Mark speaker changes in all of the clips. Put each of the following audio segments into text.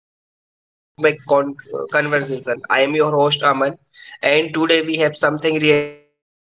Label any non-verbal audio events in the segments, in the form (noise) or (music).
Speaker 1: To Cosmic Conversation. I am your host Aman, and today we have something really special.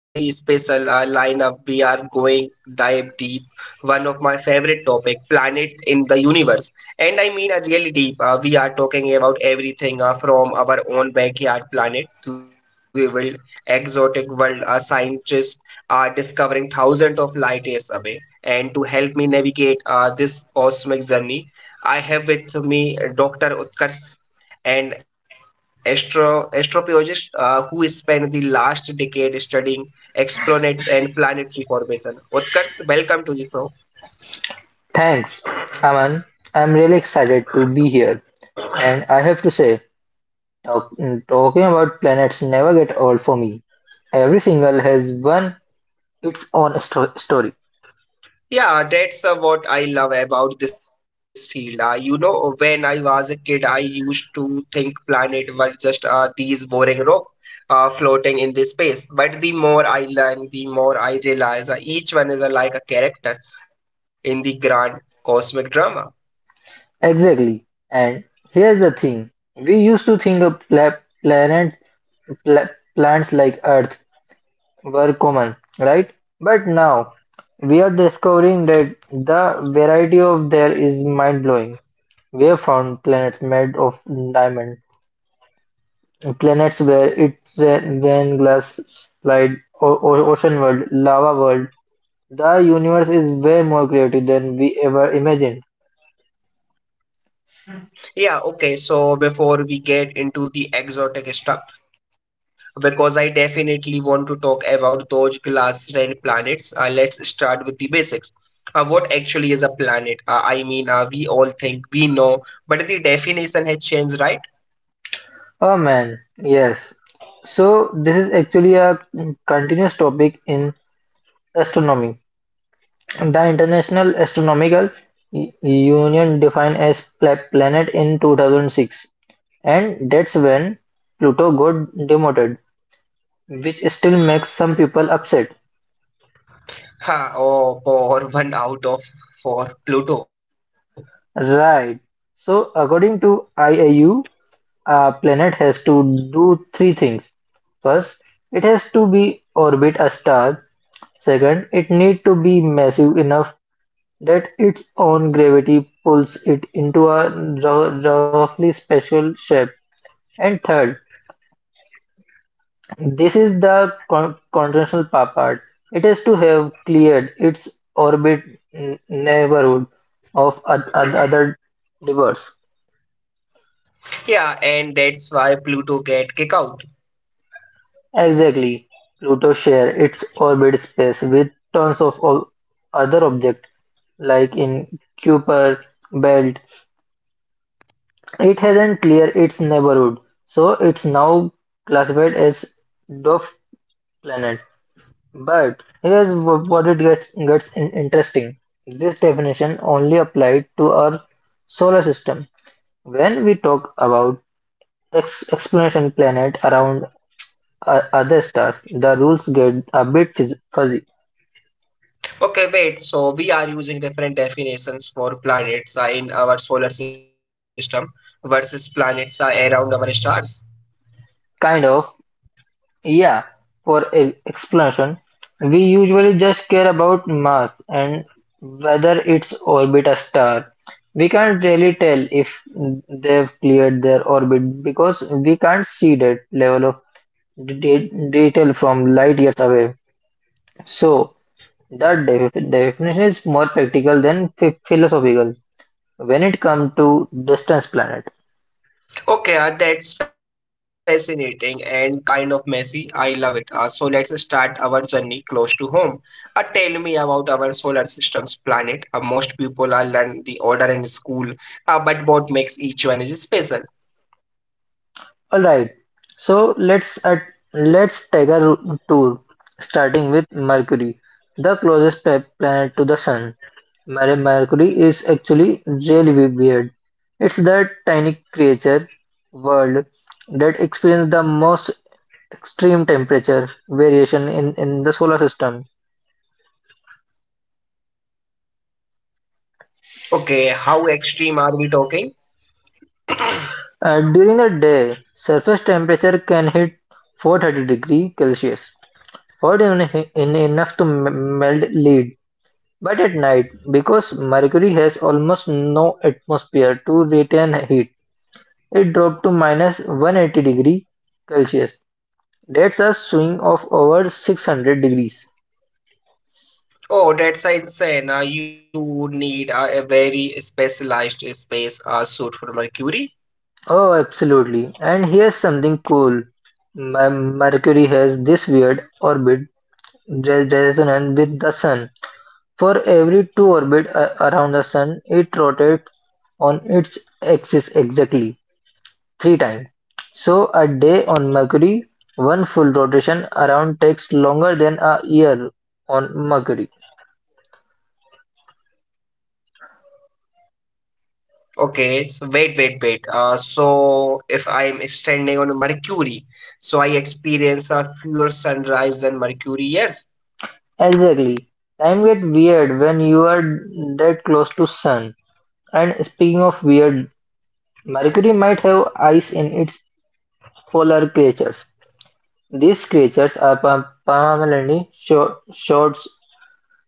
Speaker 1: Our lineup we are going dive deep. One of my favorite topic, planet in the universe, and I mean a really deep. We are talking about everything from our own backyard planet to the world, exotic world. Our scientists are discovering thousands of light years away. And to help me navigate this cosmic journey, I have with me Dr. Utkarsh and astrophysiologist who spent the last decade studying exoplanets and planetary formation. Utkarsh, welcome to the show.
Speaker 2: Thanks, Aman. I'm really excited to be here. And I have to say, talking about planets never get old for me. Every single has one its own story.
Speaker 1: Yeah, that's what I love about this field. You know, when I was a kid, I used to think planets were just these boring rocks floating in the space. But the more I learn, the more I realize each one is like a character in the grand cosmic drama.
Speaker 2: Exactly. And here's the thing: we used to think of planet, plants like Earth were common, right? But now we are discovering that the variety of there is mind blowing. We have found planets made of diamond. Planets where its then glass slide ocean world, lava world. The universe is way more creative than we ever imagined.
Speaker 1: Yeah, okay. So before we get into the exotic stuff, because I definitely want to talk about those glass red planets, let's start with the basics. What actually is a planet? I mean, we all think we know, but the definition has changed, right?
Speaker 2: Oh man, yes. So this is actually a continuous topic in astronomy. The International Astronomical Union defined as planet in 2006, and that's when Pluto got demoted, which still makes some people upset.
Speaker 1: Ha, oh, for one out of for Pluto.
Speaker 2: Right. So according to IAU, a planet has to do three things. First, it has to be orbit a star. Second, it need to be massive enough that its own gravity pulls it into a roughly special shape. And third, this is the conventional part. It has to have cleared its orbit neighborhood of other divers.
Speaker 1: Yeah, and that's why Pluto get kicked out.
Speaker 2: Exactly, Pluto shares its orbit space with tons of other objects, like in Kuiper belt. It hasn't cleared its neighborhood, so it's now classified as dwarf planet. But here's what it gets interesting. This definition only applied to our solar system. When we talk about explanation planet around other stars, the rules get a bit fuzzy.
Speaker 1: Okay, wait. So we are using different definitions for planets in our solar system versus planets around our stars.
Speaker 2: Kind of, yeah. For explanation, we usually just care about mass and whether its orbit a star. We can't really tell if they've cleared their orbit because we can't see that level of detail from light years away. So that definition is more practical than philosophical when it comes to distant planet.
Speaker 1: Okay, that's fascinating and kind of messy. I love it. So let's start our journey close to home. Tell me about our solar system's planet. Most people are learn the order in school, but what makes each one is special?
Speaker 2: All right. So let's take a tour, starting with Mercury, the closest planet to the Sun. Mercury is actually really weird. It's that tiny creature world that experiences the most extreme temperature variation in the solar system.
Speaker 1: Okay, how extreme are we talking?
Speaker 2: During the day, surface temperature can hit 430-degree Celsius, hot enough to melt lead. But at night, because Mercury has almost no atmosphere to retain heat, it dropped to minus 180 degree Celsius. That's a swing of over 600 degrees.
Speaker 1: Oh, that's insane. You would need a very specialized space suit for Mercury.
Speaker 2: Oh, absolutely. And here's something cool. Mercury has this weird orbit resonance with the Sun. For every two orbits around the Sun, it rotates on its axis exactly three times. So a day on Mercury, one full rotation around takes longer than a year on Mercury.
Speaker 1: Okay, so wait, wait, wait. So if I'm standing on Mercury, so I experience a fewer sunrise than Mercury. Yes,
Speaker 2: Exactly. Time gets weird when you are that close to Sun. And speaking of weird, Mercury might have ice in its polar craters. These craters are permanently shorts,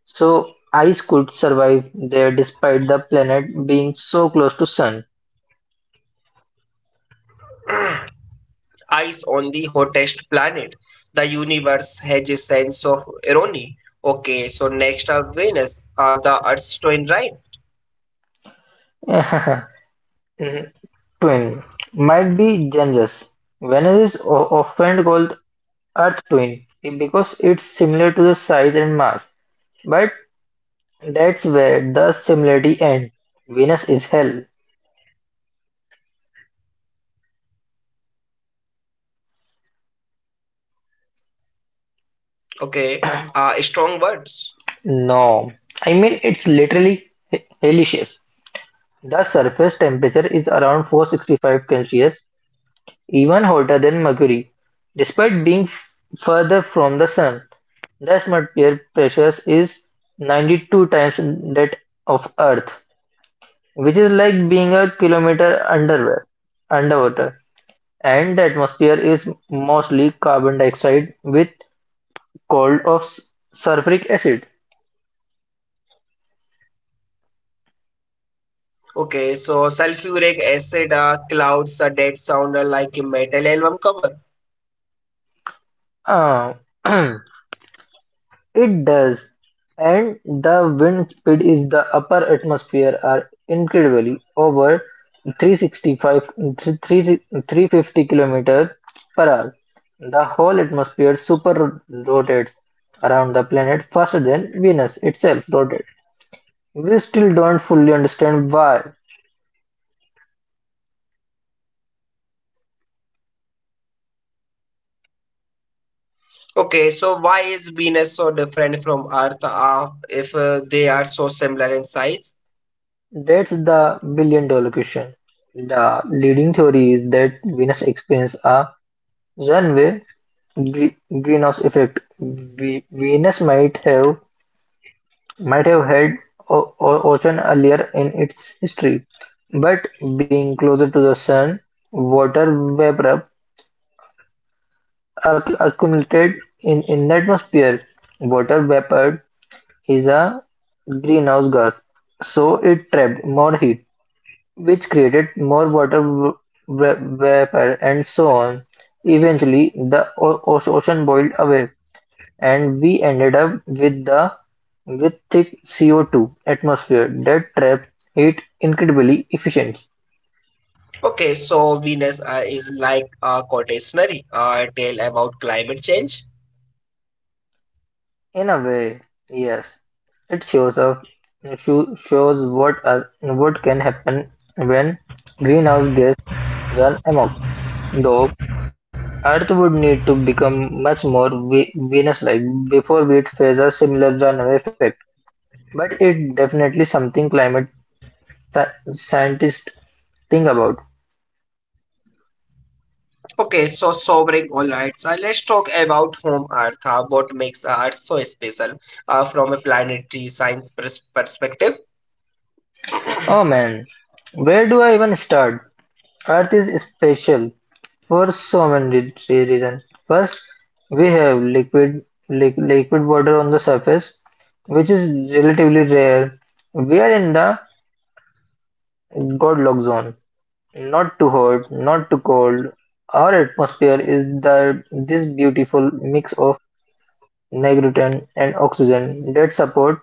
Speaker 2: so ice could survive there despite the planet being so close to Sun.
Speaker 1: ice on the hottest planet. The universe has a sense of irony. Okay, so next are Venus, the Earth's twin, right?
Speaker 2: (laughs) Twin might be generous. Venus is often called Earth twin because it's similar to the size and mass, but that's where the similarity ends. Venus is hell.
Speaker 1: Okay,
Speaker 2: (clears throat)
Speaker 1: strong words.
Speaker 2: No, I mean it's literally hellacious. The surface temperature is around 465 Celsius, even hotter than Mercury, despite being further from the Sun. The atmosphere pressure is 92 times that of Earth, which is like being a kilometer underwater, and the atmosphere is mostly carbon dioxide with cold of sulfuric acid.
Speaker 1: Okay, so sulfuric acid clouds a dead sound like a metal album cover.
Speaker 2: Uh, (clears throat) it does, and the wind speed is the upper atmosphere are incredibly over 365, th- three- 350 kilometer per hour. The whole atmosphere super rotates around the planet faster than Venus itself rotates. We still don't fully understand why.
Speaker 1: Okay, so why is Venus so different from Earth if they are so similar in size?
Speaker 2: That's the billion dollar question. The leading theory is that Venus experienced a runaway gre- greenhouse effect. Venus might have had ocean earlier in its history, but being closer to the sun, water vapor accumulated in the atmosphere. Water vapor is a greenhouse gas, so it trapped more heat which created more water vapor and so on. Eventually, the ocean boiled away, and we ended up with thick CO2 atmosphere that trap heat incredibly efficient.
Speaker 1: Okay, so Venus is like a quotationary tale about climate change.
Speaker 2: In a way, yes, it shows what can happen when greenhouse gas run amok. Though Earth would need to become much more Venus-like before it faces a similar runaway effect, but it's definitely something climate scientists think about.
Speaker 1: Okay, so sobering all right. So let's talk about home Earth. What makes Earth so special from a planetary science perspective?
Speaker 2: Oh man, where do I even start? Earth is special for so many reasons. First, we have liquid liquid water on the surface, which is relatively rare. We are in the Goldilocks zone. Not too hot, not too cold. Our atmosphere is that this beautiful mix of nitrogen and oxygen that support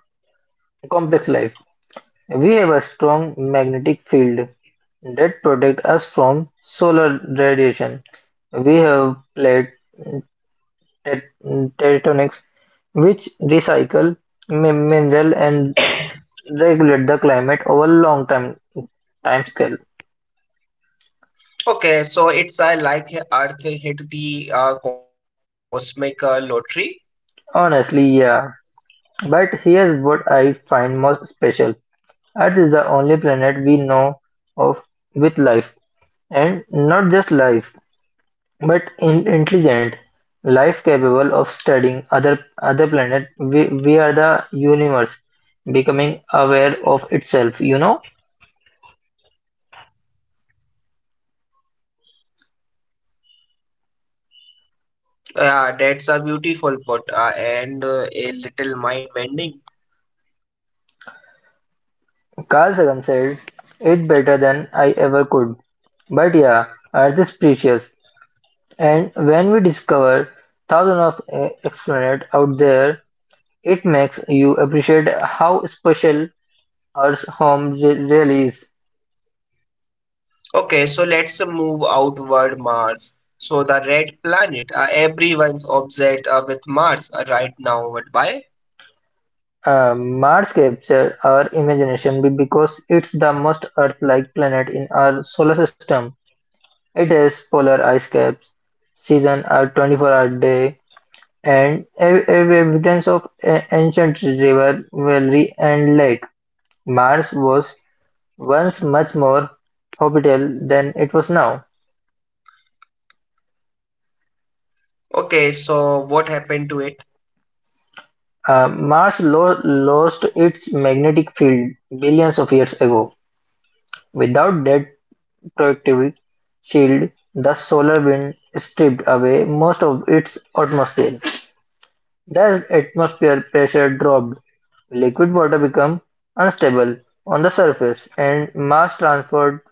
Speaker 2: complex life. We have a strong magnetic field that protect us from solar radiation. We have plate tectonics which recycle, mineral and regulate the climate over long time scale.
Speaker 1: Okay, so it's like Earth hit the cosmic lottery.
Speaker 2: Honestly, yeah. But here's what I find most special. Earth is the only planet we know of with life, and not just life, but in intelligent life capable of studying other planet. We are the universe becoming aware of itself, you know?
Speaker 1: Yeah, that's a beautiful put and a little mind bending.
Speaker 2: Carl Sagan said, it better than I ever could. But yeah, Earth is precious, and when we discover thousands of exoplanets out there, it makes you appreciate how special our home really is.
Speaker 1: Okay, so let's move outward Mars. So the red planet, everyone's obsessed with Mars right now. But why?
Speaker 2: Mars captures our imagination because it's the most Earth-like planet in our solar system. It has polar ice caps, season a 24-hour day, and evidence of ancient river valley and lake. Mars was once much more habitable than it was now.
Speaker 1: Okay, so what happened to it?
Speaker 2: Mars lost its magnetic field billions of years ago. Without that convective shield, thus solar wind stripped away most of its atmosphere. The atmosphere pressure dropped, liquid water became unstable on the surface and mass transferred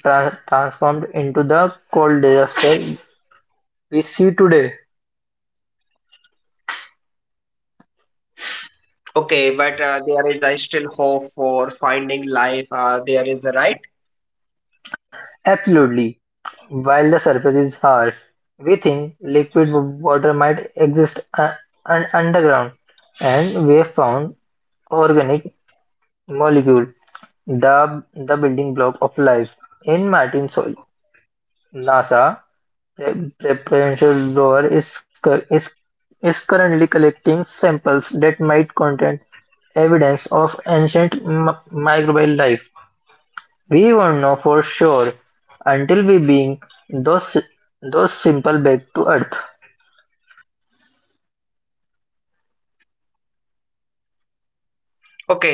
Speaker 2: tran- transformed into the cold disaster we see today.
Speaker 1: Okay, but there is still hope for finding life. There is a right.
Speaker 2: Absolutely. While the surface is harsh, we think liquid water might exist underground, and we have found organic molecule, the building block of life. In Martin Sol NASA pre- pre- preferential rover is, cu- is currently collecting samples that might contain evidence of ancient microbial life. We won't know for sure until we bring those those simple back to Earth.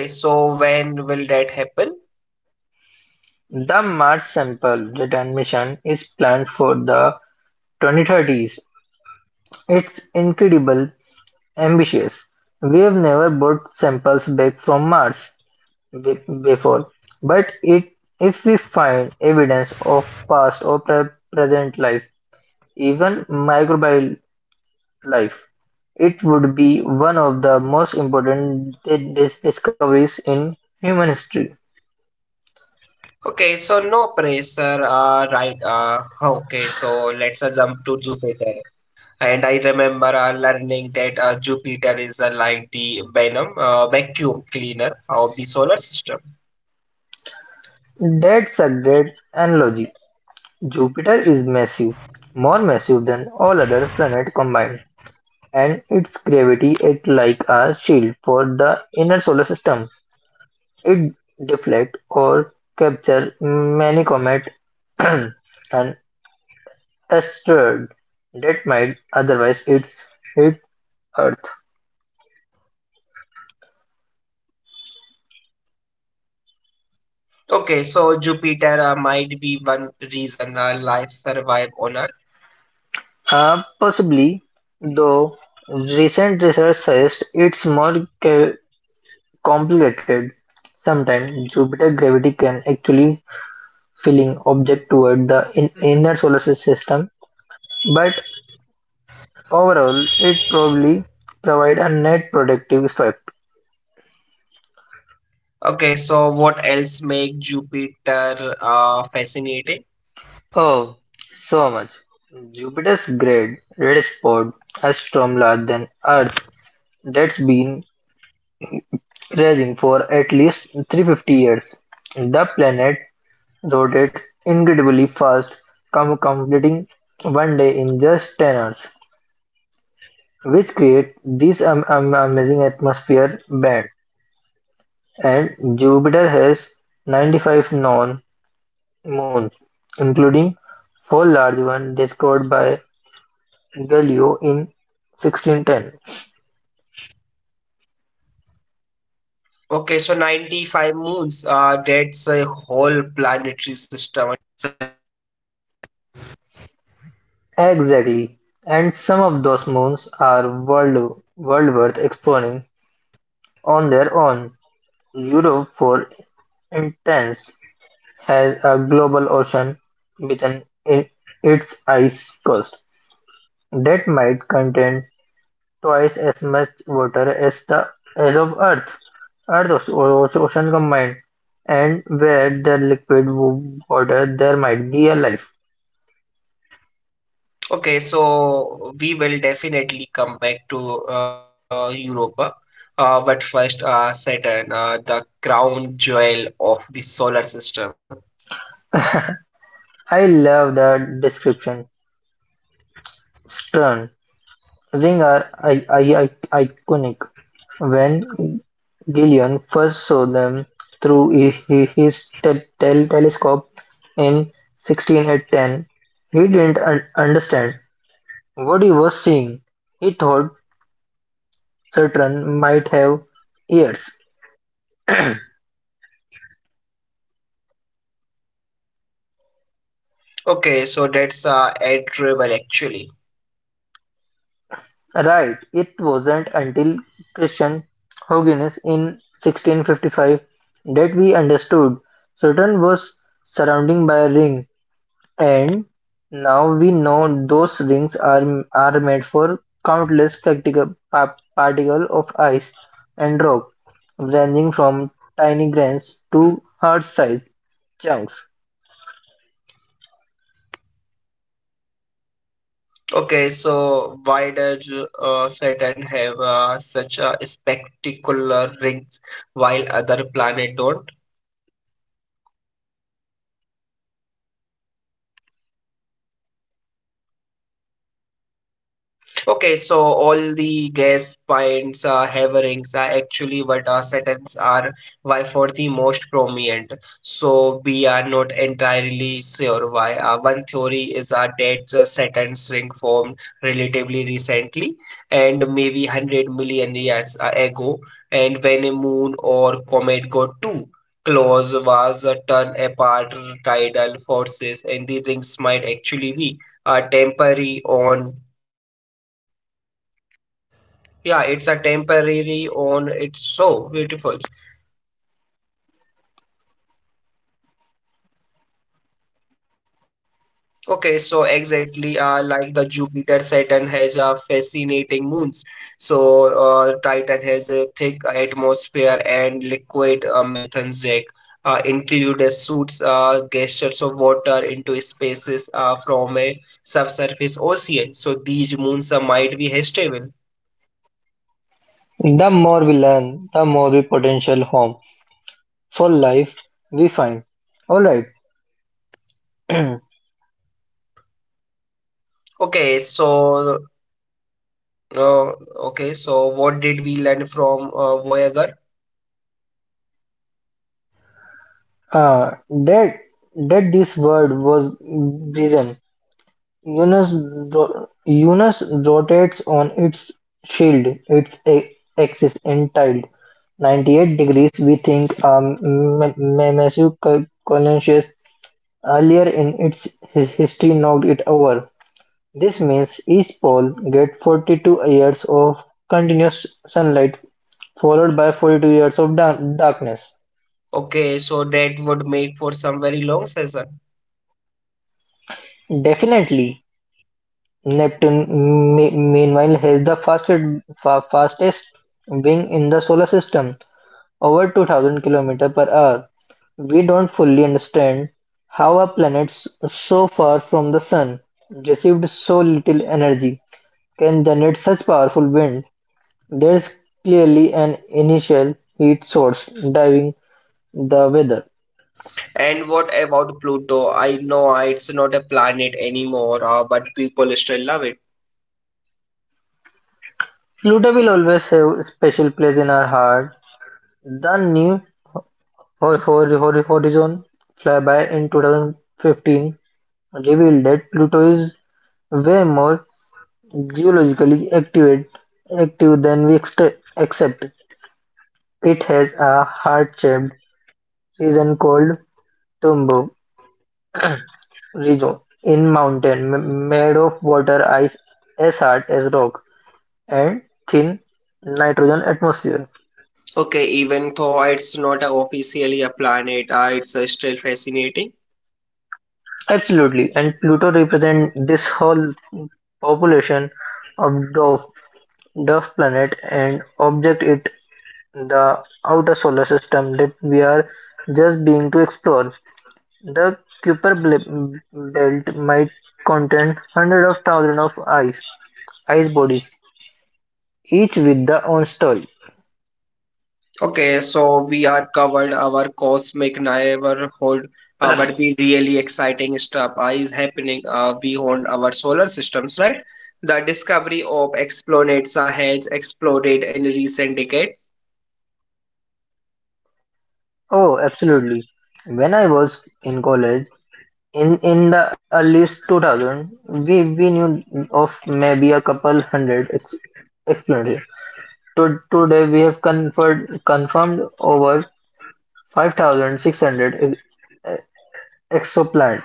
Speaker 1: Okay, so when will that happen?
Speaker 2: The Mars sample return mission is planned for the 2030s. It's incredible. Ambitious: we've never brought samples back from Mars before, but if we find evidence of past or present life, even microbial life, it would be one of the most important discoveries in human history.
Speaker 1: Okay, so no pressure, right? Okay, so let's jump to Jupiter. And I remember learning that Jupiter is like the venom, vacuum cleaner of the solar system.
Speaker 2: That's a great analogy. Jupiter is massive, more massive than all other planets combined, and its gravity acts like a shield for the inner solar system. It deflect or capture many comet (clears throat) and asteroid that might otherwise hit Earth.
Speaker 1: Okay, so Jupiter might be one reason life survive on Earth.
Speaker 2: Possibly, though recent research suggests it's more complicated. Sometimes Jupiter gravity can actually filling object toward the inner solar system, but overall it probably provide a net protective effect.
Speaker 1: Okay, so what else make Jupiter fascinating?
Speaker 2: Oh, so much. Jupiter's great red spot asteroid larger than Earth that's been raging for at least 350 years. The planet rotates incredibly fast, completing one day in just 10 hours, which creates this amazing atmosphere band. And Jupiter has 95 known moons, including four large ones discovered by Galileo in 1610.
Speaker 1: Okay, so 95 moons, that's a whole planet.
Speaker 2: Exactly, and some of those moons are world worth exploring on their own. Europe, for instance, has a global ocean within i- its ice coast that might contain twice as much water as the as of Earth, Earth's ocean combined, and where the liquid water there might be a life.
Speaker 1: Okay, so we will definitely come back to Europa, but first Saturn, the crown jewel of the solar system.
Speaker 2: I love that description. Stern ring are I- I- I- iconic. When Gillian first saw them through his telescope in 1610, he didn't understand what he was seeing. He thought Saturn might have ears.
Speaker 1: Okay, so that's admirable actually.
Speaker 2: Right, it wasn't until Christian Huygens in 1655 that we understood Saturn was surrounded by a ring. And now we know those rings are made for countless practical particles of ice and rock, ranging from tiny grains to heart-sized chunks.
Speaker 1: Okay, so why does Saturn have such a spectacular rings while other planet don't? Okay, so gas pipes, haverings are actually what Saturns are, why for the most prominent. So we are not entirely sure why. One theory is that Saturn's ring formed relatively recently and maybe 100 million years ago, and when a moon or comet got too close, was torn apart tidal forces, and the rings might actually be temporary on yeah, it's a temporary on. It's so beautiful. Okay, so exactly like the Jupiter, Saturn has a fascinating moons. So Titan has a thick atmosphere and liquid methane jet. Include suits gestures of water into spaces from a subsurface ocean. So these moons might be habitable.
Speaker 2: The more we learn, the more we potential home for life we find. All right, (clears throat) uh,
Speaker 1: Okay, so uh, okay, so what did we learn from Voyager?
Speaker 2: that that this word was risen. Eunice Eunice rotates on its shield, its axis entitled 98 degrees. We think massive colossus earlier in its his history knocked it over. This means each pole gets 42 years of continuous sunlight, followed by 42 years of darkness.
Speaker 1: Okay, so that would make for some very long session.
Speaker 2: Definitely, Neptune meanwhile has the fastest wing in the solar system, over 2000 km per hour. We don't fully understand how a planet so far from the sun received so little energy can generate such powerful wind. There is clearly an initial heat source driving the weather.
Speaker 1: And what about Pluto? I know it's not a planet anymore, but people still love it.
Speaker 2: Pluto will always have a special place in our heart. The new Hor- Horizon flyby in 2015 revealed that Pluto is way more geologically active than we accept. It has a heart-shaped region called Tumbo region in mountain made of water, ice, as hard as rock, and thin nitrogen atmosphere.
Speaker 1: Okay, even though it's not a officially a planet, it's still fascinating.
Speaker 2: Absolutely, and Pluto represents this whole population of dwarf planet and object it the outer solar system that we are just being to explore. The Kuiper belt might contain hundreds of thousands of ice bodies, each with their own story.
Speaker 1: Okay, so we are covered our cosmic neighborhood, but the really exciting stuff is happening beyond our solar systems, right? The discovery of exoplanets has exploded in recent decades.
Speaker 2: Oh, absolutely. When I was in college, in the earliest 2000 we knew of maybe a couple hundred explanation to, today we have confirmed over 5,600 eh, exoplanet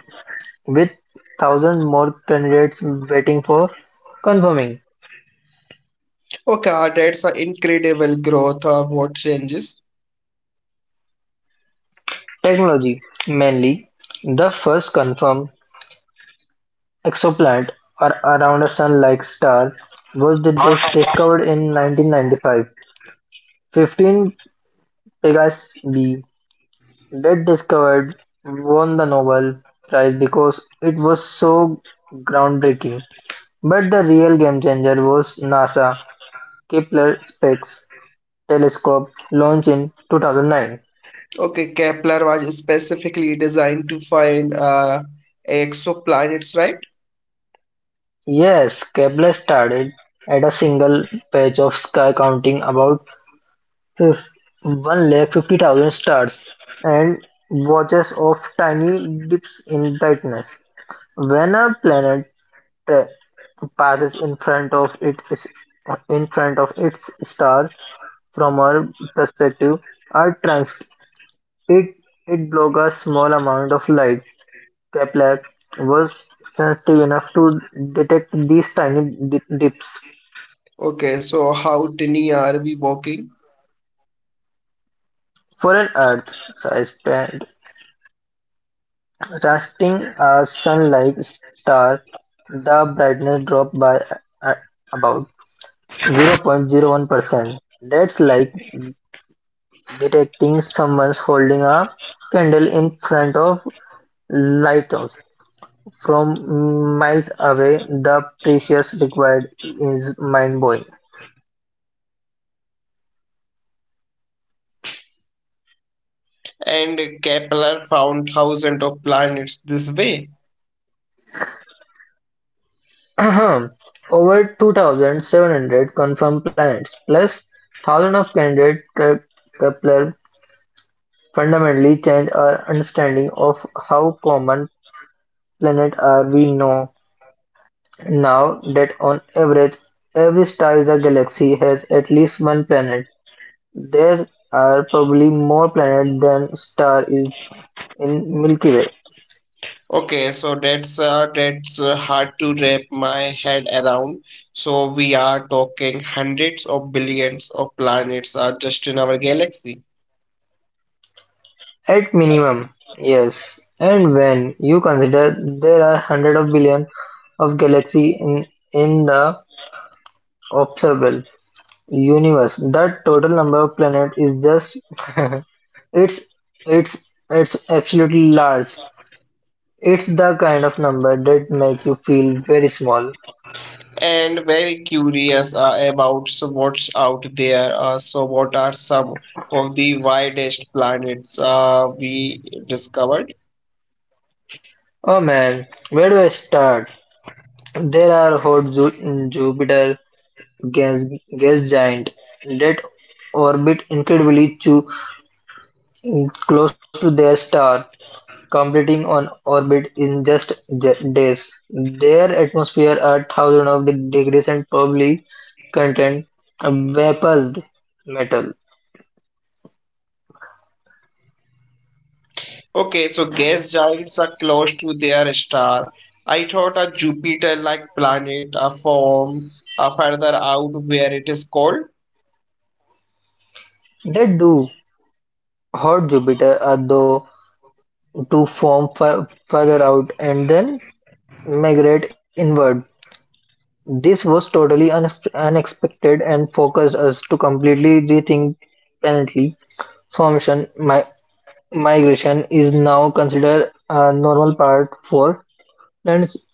Speaker 2: with 1,000 more candidates waiting for confirming.
Speaker 1: Okay, that's an incredible growth of what changes.
Speaker 2: Technology mainly the first confirmed exoplanet around a sun-like star was discovered in 1995 15 Pegasus b Dead Discovered won the Nobel Prize because it was so groundbreaking, but the real game-changer was NASA Kepler-Space Telescope launch in 2009.
Speaker 1: Okay, Kepler was specifically designed to find exoplanets, right?
Speaker 2: Yes, Kepler started at a single patch of sky counting about 150,000 stars and watches of tiny dips in brightness. When a planet uh, passes in front of it is in front of its star, from our perspective, are transient; it blocks a small amount of light. Kepler was sensitive enough to detect these tiny dips.
Speaker 1: Okay, so how tiny are we walking?
Speaker 2: For an Earth-sized planet casting a Sun-like star, the brightness dropped by a- about 0.01%. That's like detecting someone's holding a candle in front of lighthouse from miles away, the precision required is mind-blowing.
Speaker 1: And Kepler found thousands of planets this way.
Speaker 2: (clears throat) Over 2,700 confirmed planets, plus thousands of candidate. Kepler fundamentally changed our understanding of how common planets are. We know now that on average, every star in a galaxy has at least one planet. There are probably more planets than star is in Milky Way.
Speaker 1: Okay, so that's that's hard to wrap my head around. So we are talking hundreds of billions of planets are just in our galaxy.
Speaker 2: At minimum, yes. And when you consider there are hundreds of billions of galaxies in the observable universe, the total number of planets is just (laughs) it's it's it's absolutely large. It's the kind of number that make you feel very small.
Speaker 1: And very curious about so what's out there. So, what are some of the widest planets we discovered?
Speaker 2: Oh man, where do I start? There are hot Jupiter gas gas giant that orbit incredibly close to their star, completing an orbit in just days. Their atmosphere are thousands of degrees and probably contain vaporized metal.
Speaker 1: Okay, so gas giants are close to their star. I thought a Jupiter-like planet form further out where it is cold.
Speaker 2: They do hot Jupiter are though to form further out and then migrate inward. This was totally unexpected and focused us to completely rethink penalty Formation migration is now considered a normal part for plants,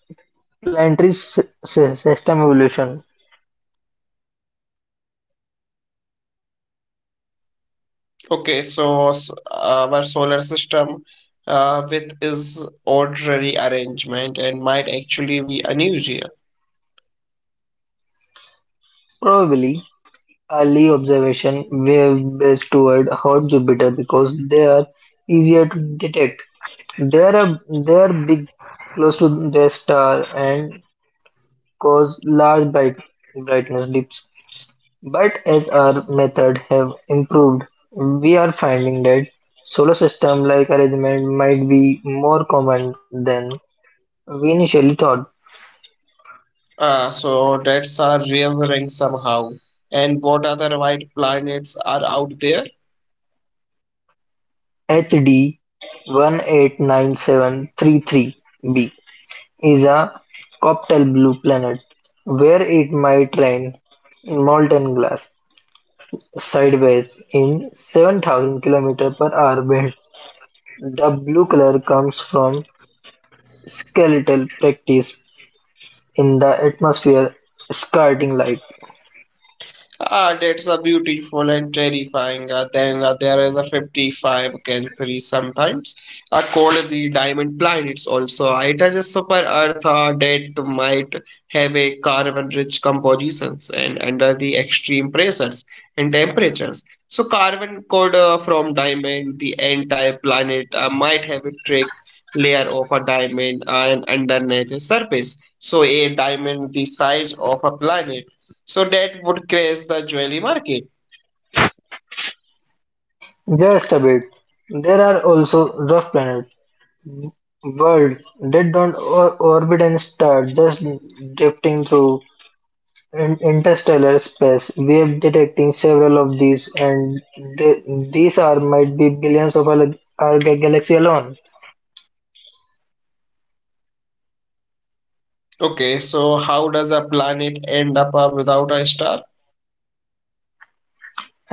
Speaker 2: planetary system evolution.
Speaker 1: Okay, so our solar system with its ordinary arrangement and might actually be unusual.
Speaker 2: Probably early observation were based toward hot Jupiter because they are easier to detect. They are, they are big, close to their star, and cause large brightness dips. But as our methods have improved, we are finding that solo system like arrangement might be more common than we initially thought.
Speaker 1: Ah, so that's our real ring somehow. And what other white planets are out there?
Speaker 2: HD 189733b is a cocktail blue planet where it might rain molten glass sideways in 7,000 km per hour winds. The blue color comes from skeletal practice in the atmosphere, scattering light.
Speaker 1: Ah, that's a beautiful and terrifying. Then there is a 55 Cancri sometimes called the diamond planets also. It has a super earth that might have a carbon-rich compositions and under the extreme pressures and temperatures. So carbon could from diamond, the entire planet might have a thick layer of a diamond and underneath the surface. So a diamond the size of a planet so that would crash the jewelry market.
Speaker 2: Just a bit. There are also rough planets, worlds that don't orbit and start just drifting through interstellar space. We are detecting several of these, and they, these are might be billions of our galaxy alone,
Speaker 1: Okay, so how does a planet end up without a star?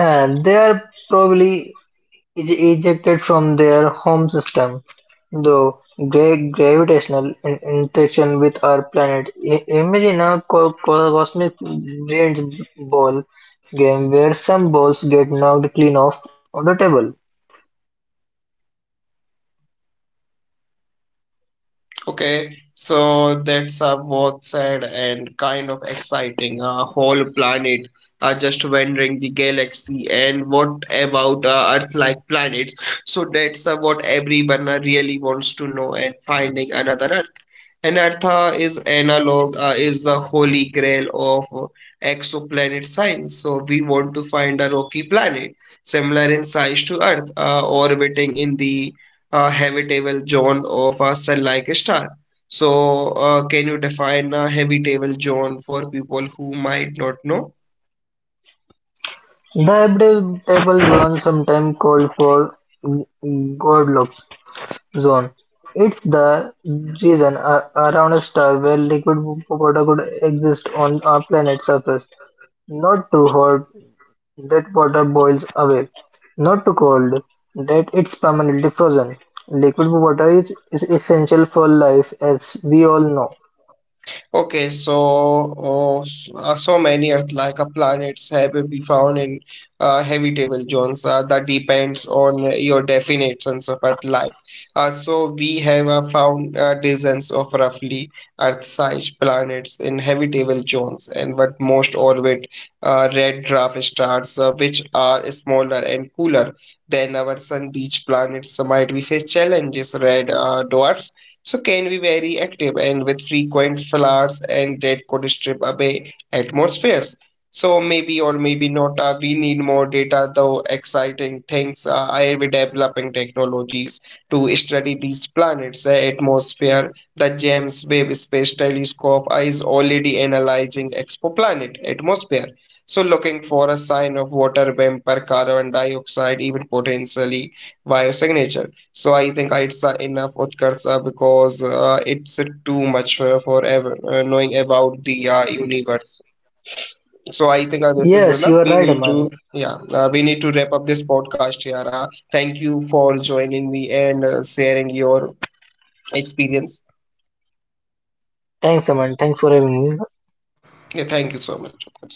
Speaker 2: and they are probably is ejected from their home system, through gravitational interaction with our planet. Imagine a cosmic brains ball game where some balls get knocked clean off of the table.
Speaker 1: Okay, so that's both sad and kind of exciting. A whole planet are just wandering the galaxy, and what about Earth-like planets? So that's what everyone really wants to know and finding another Earth. And Earth is analog, is the holy grail of exoplanet science. So we want to find a rocky planet similar in size to Earth, orbiting in the a habitable zone of a sun-like star. So, can you define a habitable zone for people who might not know?
Speaker 2: The habitable zone, sometimes called for Goldilocks zone, it's the region around a star where liquid water could exist on a planet's surface, not too hot that water boils away, not too cold that it's permanently frozen. Liquid water is essential for life as we all know.
Speaker 1: Okay, so so many Earth-like planets have been found in habitable zones. That depends on your definitions of Earth-like. So we have found dozens of roughly Earth-sized planets in habitable zones, and what most orbit red dwarf stars, which are smaller and cooler than our sun. These planets So might we face challenges. Red dwarfs so can be very active and with frequent flowers and that could strip away atmospheres. So maybe or maybe not, we need more data though exciting things I'll be developing technologies to study these planets, atmosphere. The James Webb Space Telescope is already analyzing exoplanet atmosphere. So looking for a sign of water vapor, carbon dioxide, even potentially biosignature. So I think it's enough Utkarsa because it's too much for ever, knowing about the universe. So I think this is
Speaker 2: Yes,
Speaker 1: enough.
Speaker 2: you are
Speaker 1: We
Speaker 2: right,
Speaker 1: need
Speaker 2: Aman.
Speaker 1: to yeah we need to wrap up this podcast here. Thank you for joining me and sharing your experience.
Speaker 2: Thanks, Aman. Thanks for having me.
Speaker 1: Yeah, thank you so much. Utkarsh.